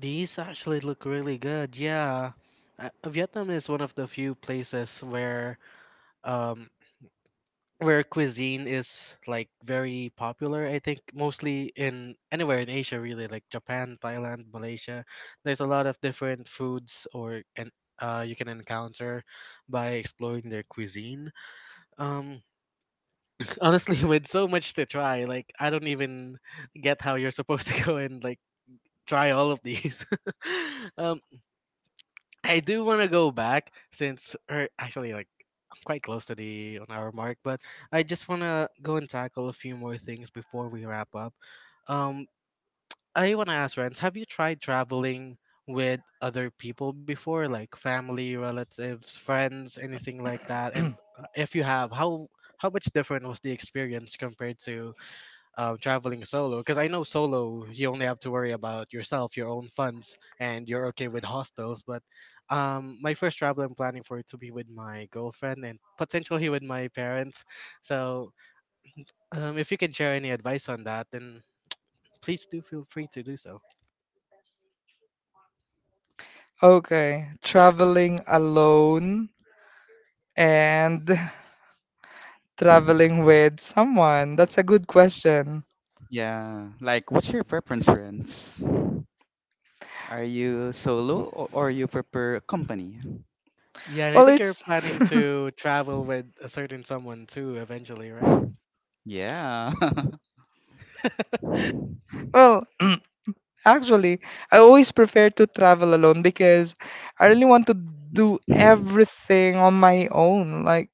these actually look really good. Yeah, Vietnam is one of the few places um where cuisine is like very popular. I think mostly in anywhere in Asia, really, like Japan, Thailand, Malaysia, there's a lot of different foods or and you can encounter by exploring their cuisine. um Honestly, with so much to try, like I don't even get how you're supposed to go and like try all of these. um I do want to go back since, or actually, like I'm quite close to the on hour mark, but I just want to go and tackle a few more things before we wrap up. Um, I want to ask, Renz, have you tried traveling with other people before, like family, relatives, friends, anything like that? And if you have, how much different was the experience compared to traveling solo? Because I know solo you only have to worry about yourself, your own funds, and you're okay with hostels. But my first travel, I'm planning for it to be with my girlfriend and potentially with my parents. So if you can share any advice on that, then please do feel free to do so. Okay, traveling alone and traveling with someone? That's a good question. Yeah. Like, what's your preference, friends? Are you solo, or you prefer company? Yeah, and I Well, think you're it's planning to travel with a certain someone too eventually, right? Yeah. well, actually, I always prefer to travel alone because I really want to do everything on my own. Like,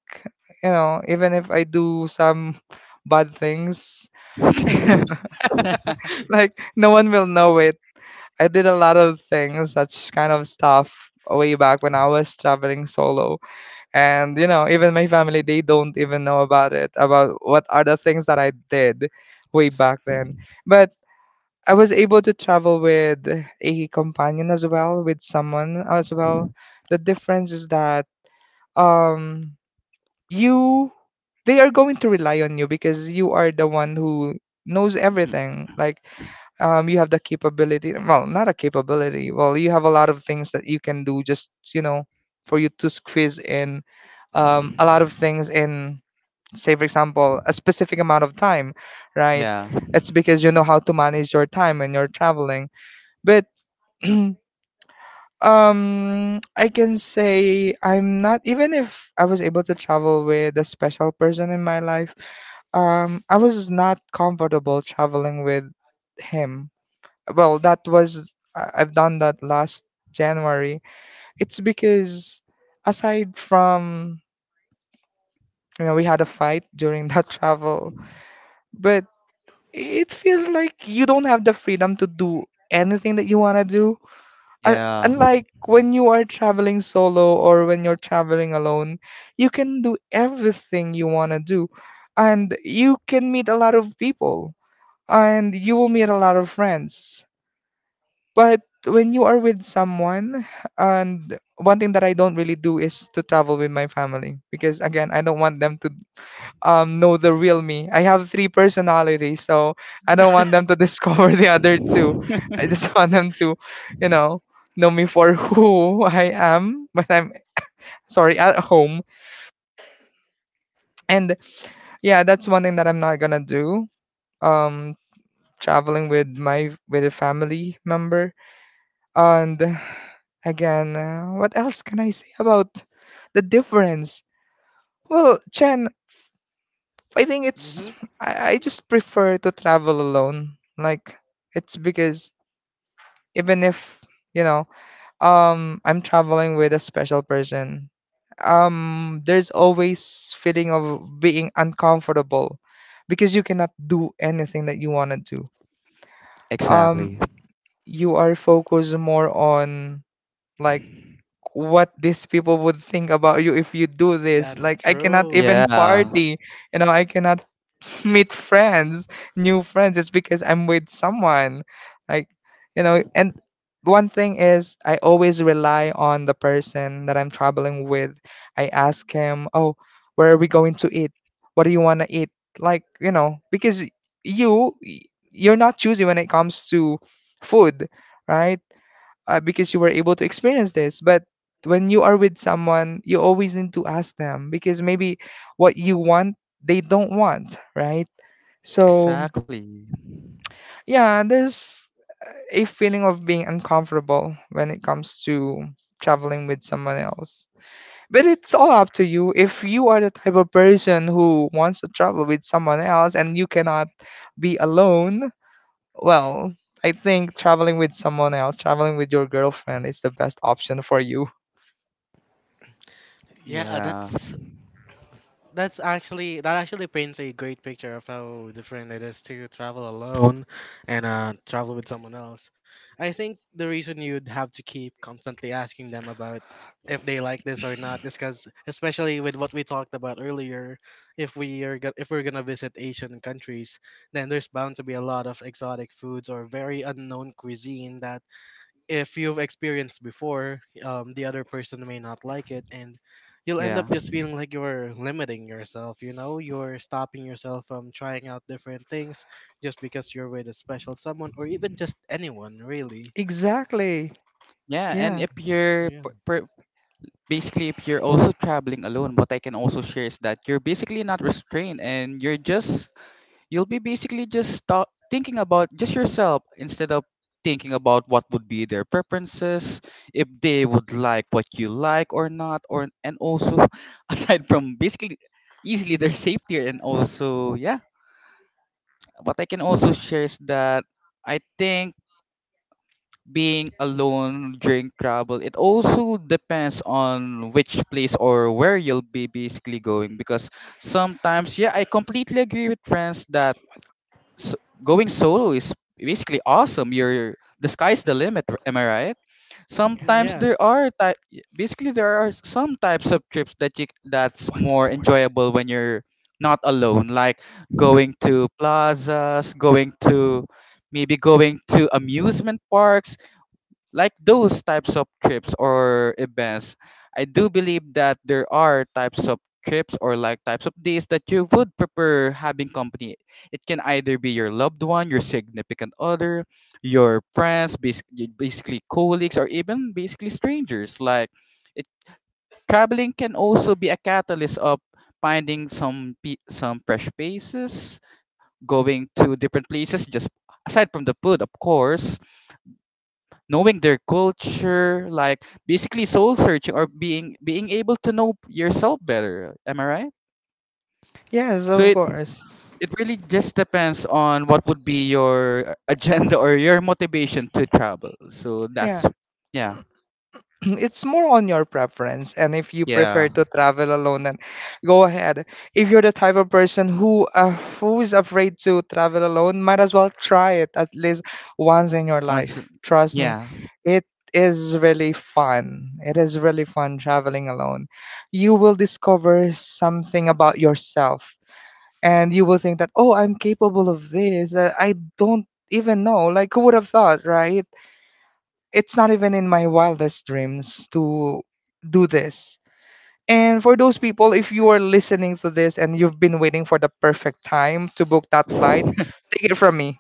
you know, even if I do some bad things, like no one will know it. I did a lot of things, such kind of stuff way back when I was traveling solo. And you know even my family they don't even know about it about what are the things that I did way back then but I was able to travel with a companion as well with someone as well the difference is that um you they are going to rely on you because you are the one who knows everything like you have the capability well not a capability well you have a lot of things that you can do just you know for you to squeeze in a lot of things in say for example a specific amount of time right yeah. it's because you know how to manage your time when you're traveling but I can say I'm not even if I was able to travel with a special person in my life I was not comfortable traveling with him well that was I've done that last january it's because aside from you know we had a fight during that travel but it feels like you don't have the freedom to do anything that you want to do. Yeah. Unlike when you are traveling solo or when you're traveling alone you can do everything you want to do and you can meet a lot of people and you will meet a lot of friends. But when you are with someone, and one thing that I don't really do is to travel with my family because again, I don't want them to know the real me. I have three personalities, so I don't want them to discover the other two. I just want them to, you know me for who I am when I'm sorry at home. And yeah, that's one thing that I'm not gonna do. Um, Traveling with my with a family member. And again, what else can I say about the difference? Well, Chen, I think it's hmm. I just prefer to travel alone. Like it's because even if you know I'm traveling with a special person, there's always feeling of being uncomfortable because you cannot do anything that you want to do. Um Exactly. you are focused more on like what these people would think about you if you do this. That's Like I cannot true. even Yeah. party, I cannot meet friends, new friends. It's because I'm with someone, like, and one thing is I always rely on the person that I'm traveling with. I ask him, oh, where are we going to eat? What do you want to eat? Like, because you, you're not choosy when it comes to food, right? Because you were able to experience this. But when you are with someone, you always need to ask them because maybe what you want, they don't want, right? So, Exactly. yeah, there's a feeling of being uncomfortable when it comes to traveling with someone else. But it's all up to you. If you are the type of person who wants to travel with someone else and you cannot be alone, well, I think traveling with someone else, traveling with your girlfriend is the best option for you. Yeah, Yeah. That's actually that actually paints a great picture of how different it is to travel alone and travel with someone else. I think the reason you'd have to keep constantly asking them about if they like this or not is because, especially with what we talked about earlier, if if we're gonna visit Asian countries, then there's bound to be a lot of exotic foods or very unknown cuisine that if you've experienced before, the other person may not like it, and you'll end Yeah. up just feeling like you're limiting yourself. You know, you're stopping yourself from trying out different things just because you're with a special someone or even just anyone, really. Exactly. Yeah, and Yeah. if you're Yeah. p- per, basically if you're also traveling alone, what I can also share is that you're basically not restrained, and you're just you'll be basically just thinking about just yourself instead of thinking about what would be their preferences, if they would like what you like or not, or and also aside from basically easily their safety, and also yeah, what I can also share is that I think being alone during travel, it also depends on which place or where you'll be basically going, because sometimes yeah, I completely agree with friends that so, going solo is basically awesome. You're the sky's the limit. Am I right? Sometimes Yeah. there are type. Basically, there are some types of trips that you that's more enjoyable when you're not alone. Like going to plazas, going to maybe going to amusement parks, like those types of trips or events, I do believe that there are types of trips or like types of days that you would prefer having company. It can either be your loved one, your significant other, your friends, basically colleagues, or even basically strangers. Like it, traveling can also be a catalyst of finding some some fresh faces, going to different places, just aside from the food, of course, knowing their culture, like basically soul searching, or being able to know yourself better. Am I right? Yes, So of it course. it really just depends on what would be your agenda or your motivation to travel. So that's Yeah. yeah. It's more on your preference. And if you prefer Yeah. to travel alone, then go ahead. If you're the type of person who is afraid to travel alone, might as well try it at least once in your Once, life. Trust me. yeah. It is really fun. It is really fun traveling alone. You will discover something about yourself, and you will think that, oh, I'm capable of this. I don't even know, like, who would have thought, right? It's not even in my wildest dreams to do this. And for those people, if you are listening to this and you've been waiting for the perfect time to book that flight, take it from me,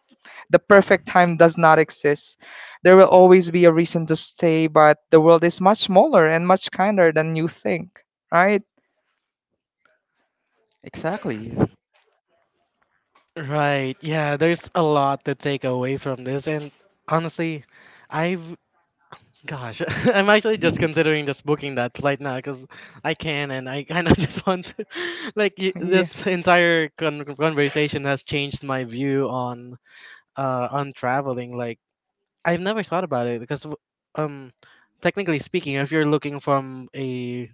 the perfect time does not exist. There will always be a reason to stay, but the world is much smaller and much kinder than you think, right? Exactly. Right. Yeah. There's a lot to take away from this, and honestly, I've. Gosh, I'm actually just considering just booking that right now because I can and I kind of just want to. Yeah. This entire conversation has changed my view on traveling. Like I've never thought about it because um technically speaking, if you're looking from a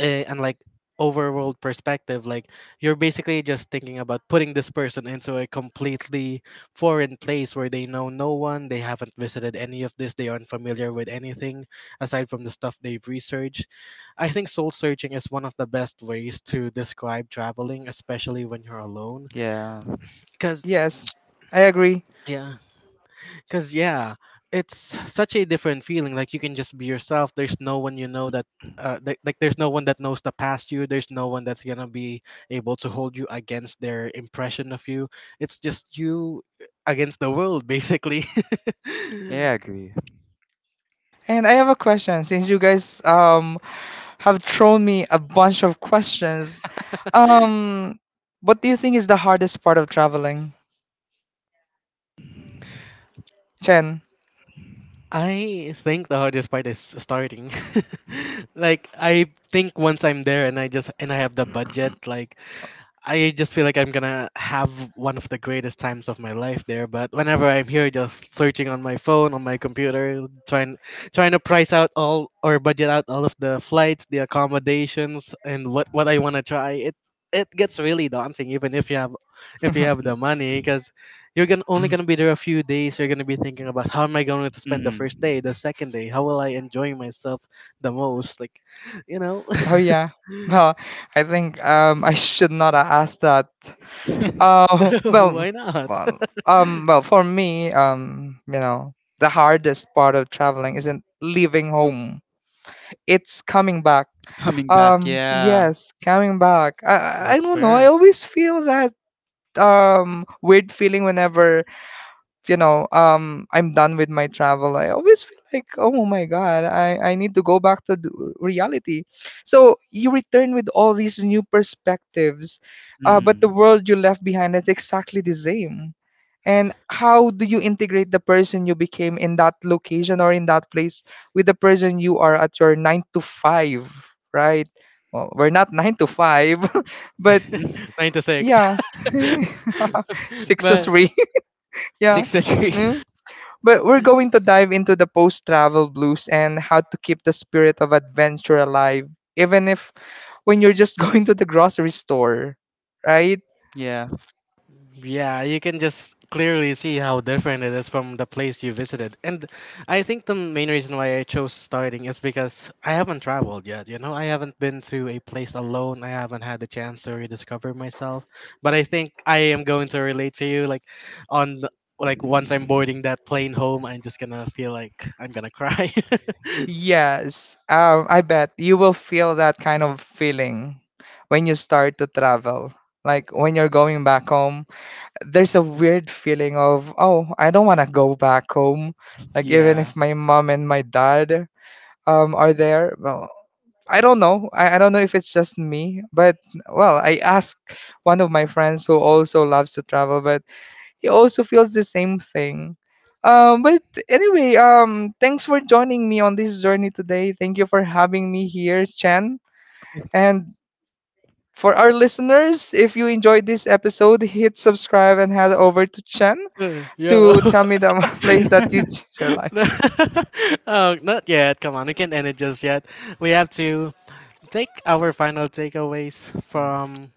and like overworld perspective, like you're basically just thinking about putting this person into a completely foreign place where they know no one, they haven't visited any of this, they aren't familiar with anything aside from the stuff they've researched. I think soul searching is one of the best ways to describe traveling, especially when you're alone Yeah. because Yes, I agree. yeah. Cause yeah, it's such a different feeling. Like you can just be yourself. There's no one you know that, like there's no one that knows the past you. There's no one that's gonna be able to hold you against their impression of you. It's just you against the world, basically. Yeah, I agree. And I have a question, since you guys have thrown me a bunch of questions. Um, what do you think is the hardest part of traveling, Chen? I think the hardest part is starting. Like I think once I'm there and I just and I have the budget, like I just feel like I'm gonna have one of the greatest times of my life there. But whenever I'm here, just searching on my phone, on my computer, trying to price out all or budget out all of the flights, the accommodations, and what I wanna try. It gets really daunting, even if you have the Mm. money, because you're gonna only gonna be there a few days. You're gonna be thinking about how am I going to spend the first day, the second day, how will I enjoy myself the most? Like, you know, Oh, yeah. Well, I think I should not have asked that. Mm. Well, why not? well, well, for me, the hardest part of traveling isn't leaving home. It's coming back. Coming back, yeah. Yes, coming back. I That's don't know. I fair. always feel that weird feeling whenever, I'm done with my travel. I always feel like, oh my god, I need to go back to the reality. So you return with all these new perspectives, but the Mm. world you left behind is exactly the same. And how do you integrate the person you became in that location or in that place with the person you are at your nine to five, right? Well, we're not nine to five, but Nine to six. yeah. Six to But three. Yeah. Six to Mm. three. But we're going to dive into the post travel blues and how to keep the spirit of adventure alive, even if when you're just going to the grocery store, right? Yeah. yeah, you can just clearly see how different it is from the place you visited. And I think the main reason why I chose starting is because I haven't traveled yet. You know, I haven't been to a place alone. I haven't had the chance to rediscover myself. But I think I am going to relate to you like on the- like once I'm boarding that plane home, I'm just gonna feel like I'm gonna cry. Yes. I bet you will feel that kind of feeling when you start to travel. Like when you're going back home, there's a weird feeling of, oh, I don't want to go back home. Like even Yeah. if my mom and my dad are there. Well, I don't know. I don't know if it's just me, but well, I asked one of my friends who also loves to travel, but he also feels the same thing. But Anyway, thanks for joining me on this journey today. Thank you for having me here, Chen. And for our listeners, if you enjoyed this episode, hit subscribe and head over to Chen Yeah. to tell me the place that you ch- your life. Oh, not yet. Come on, we can't end it just yet. We have to take our final takeaways Mm. from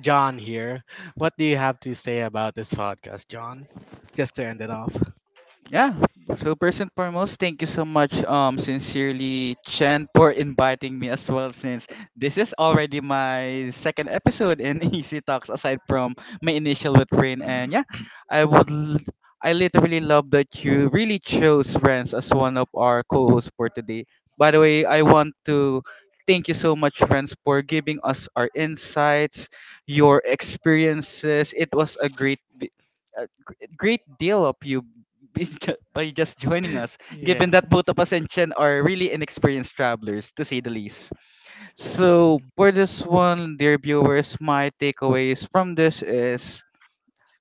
John here. What do you have to say about this podcast, John? Just to end it off. Yeah. So first and foremost, thank you so much, sincerely, Chen, for inviting me as well. Since this is already my second episode in Easy Talks, aside from my initial with Rain, and yeah, I would, l- I literally love that you really chose Renz as one of our co-hosts for today. By the way, I want to thank you so much, Renz, for giving us our insights, your experiences. It was a great. Great deal of you be by just joining us, given Yeah. that both of us and Chen are really inexperienced travelers, to say the least. So, for this one, dear viewers, my takeaways from this is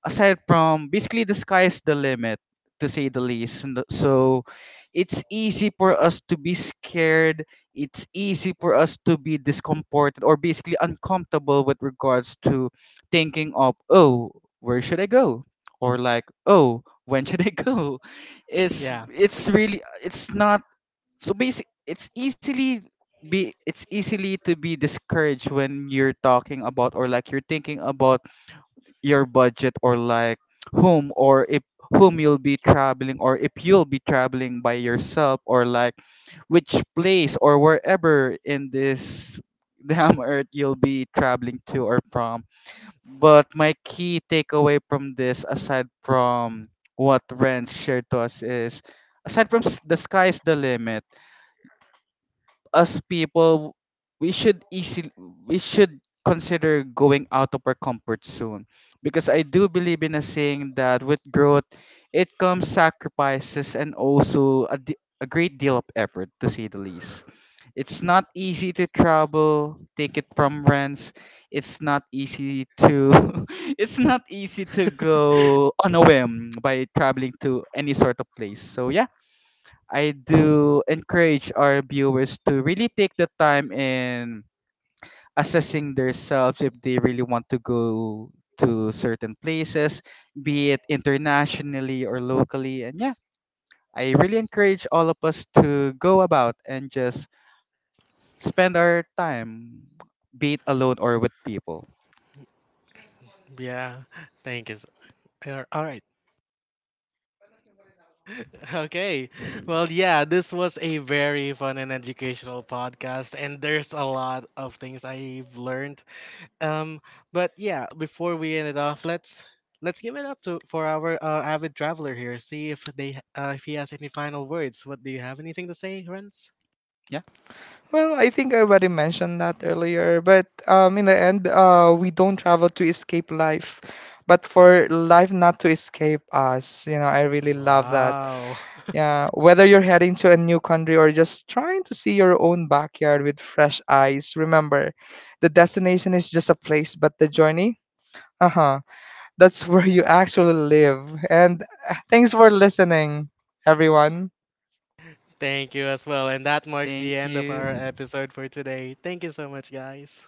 aside from basically the sky's the limit, to say the least. So it's easy for us to be scared, it's easy for us to be discomforted or basically uncomfortable with regards to thinking of, oh, where should I go, or like, oh, when should I go? it's Yeah. it's really, it's not so basic, it's easily be it's easily to be discouraged when you're talking about, or like you're thinking about your budget, or like whom or if whom you'll be traveling, or if you'll be traveling by yourself, or like which place or wherever in this damn earth you'll be traveling to or from. But my key takeaway from this, aside from what Ren shared to us, is aside from the sky's the limit, us people, we should easily, we should consider going out of our comfort zone, because I do believe in a saying that with growth it comes sacrifices, and also a great deal of effort, to say the least. It's not easy to travel, take it from rents. It's not easy to it's not easy to go on a whim by traveling to any sort of place. So yeah, I do encourage our viewers to really take the time in assessing themselves if they really want to go to certain places, be it internationally or locally. And yeah, I really encourage all of us to go about and just spend our time, be it alone or with people. Yeah, thank you. All right. Okay. Well, yeah, this was a very fun and educational podcast, and there's a lot of things I've learned. Um, but yeah, before we end it off, let's give it up to for our avid traveler here. See if if he has any final words. What do you have, anything to say, Renz? Yeah, Well, I think I already mentioned that earlier, but in the end, we don't travel to escape life, but for life not to escape us. You know, I really love that. Wow. Yeah, whether you're heading to a new country or just trying to see your own backyard with fresh eyes, remember, the destination is just a place, but the journey, uh huh, that's where you actually live. And thanks for listening, everyone. Thank you as well. And that marks the thank end of our you. episode for today. Thank you so much, guys.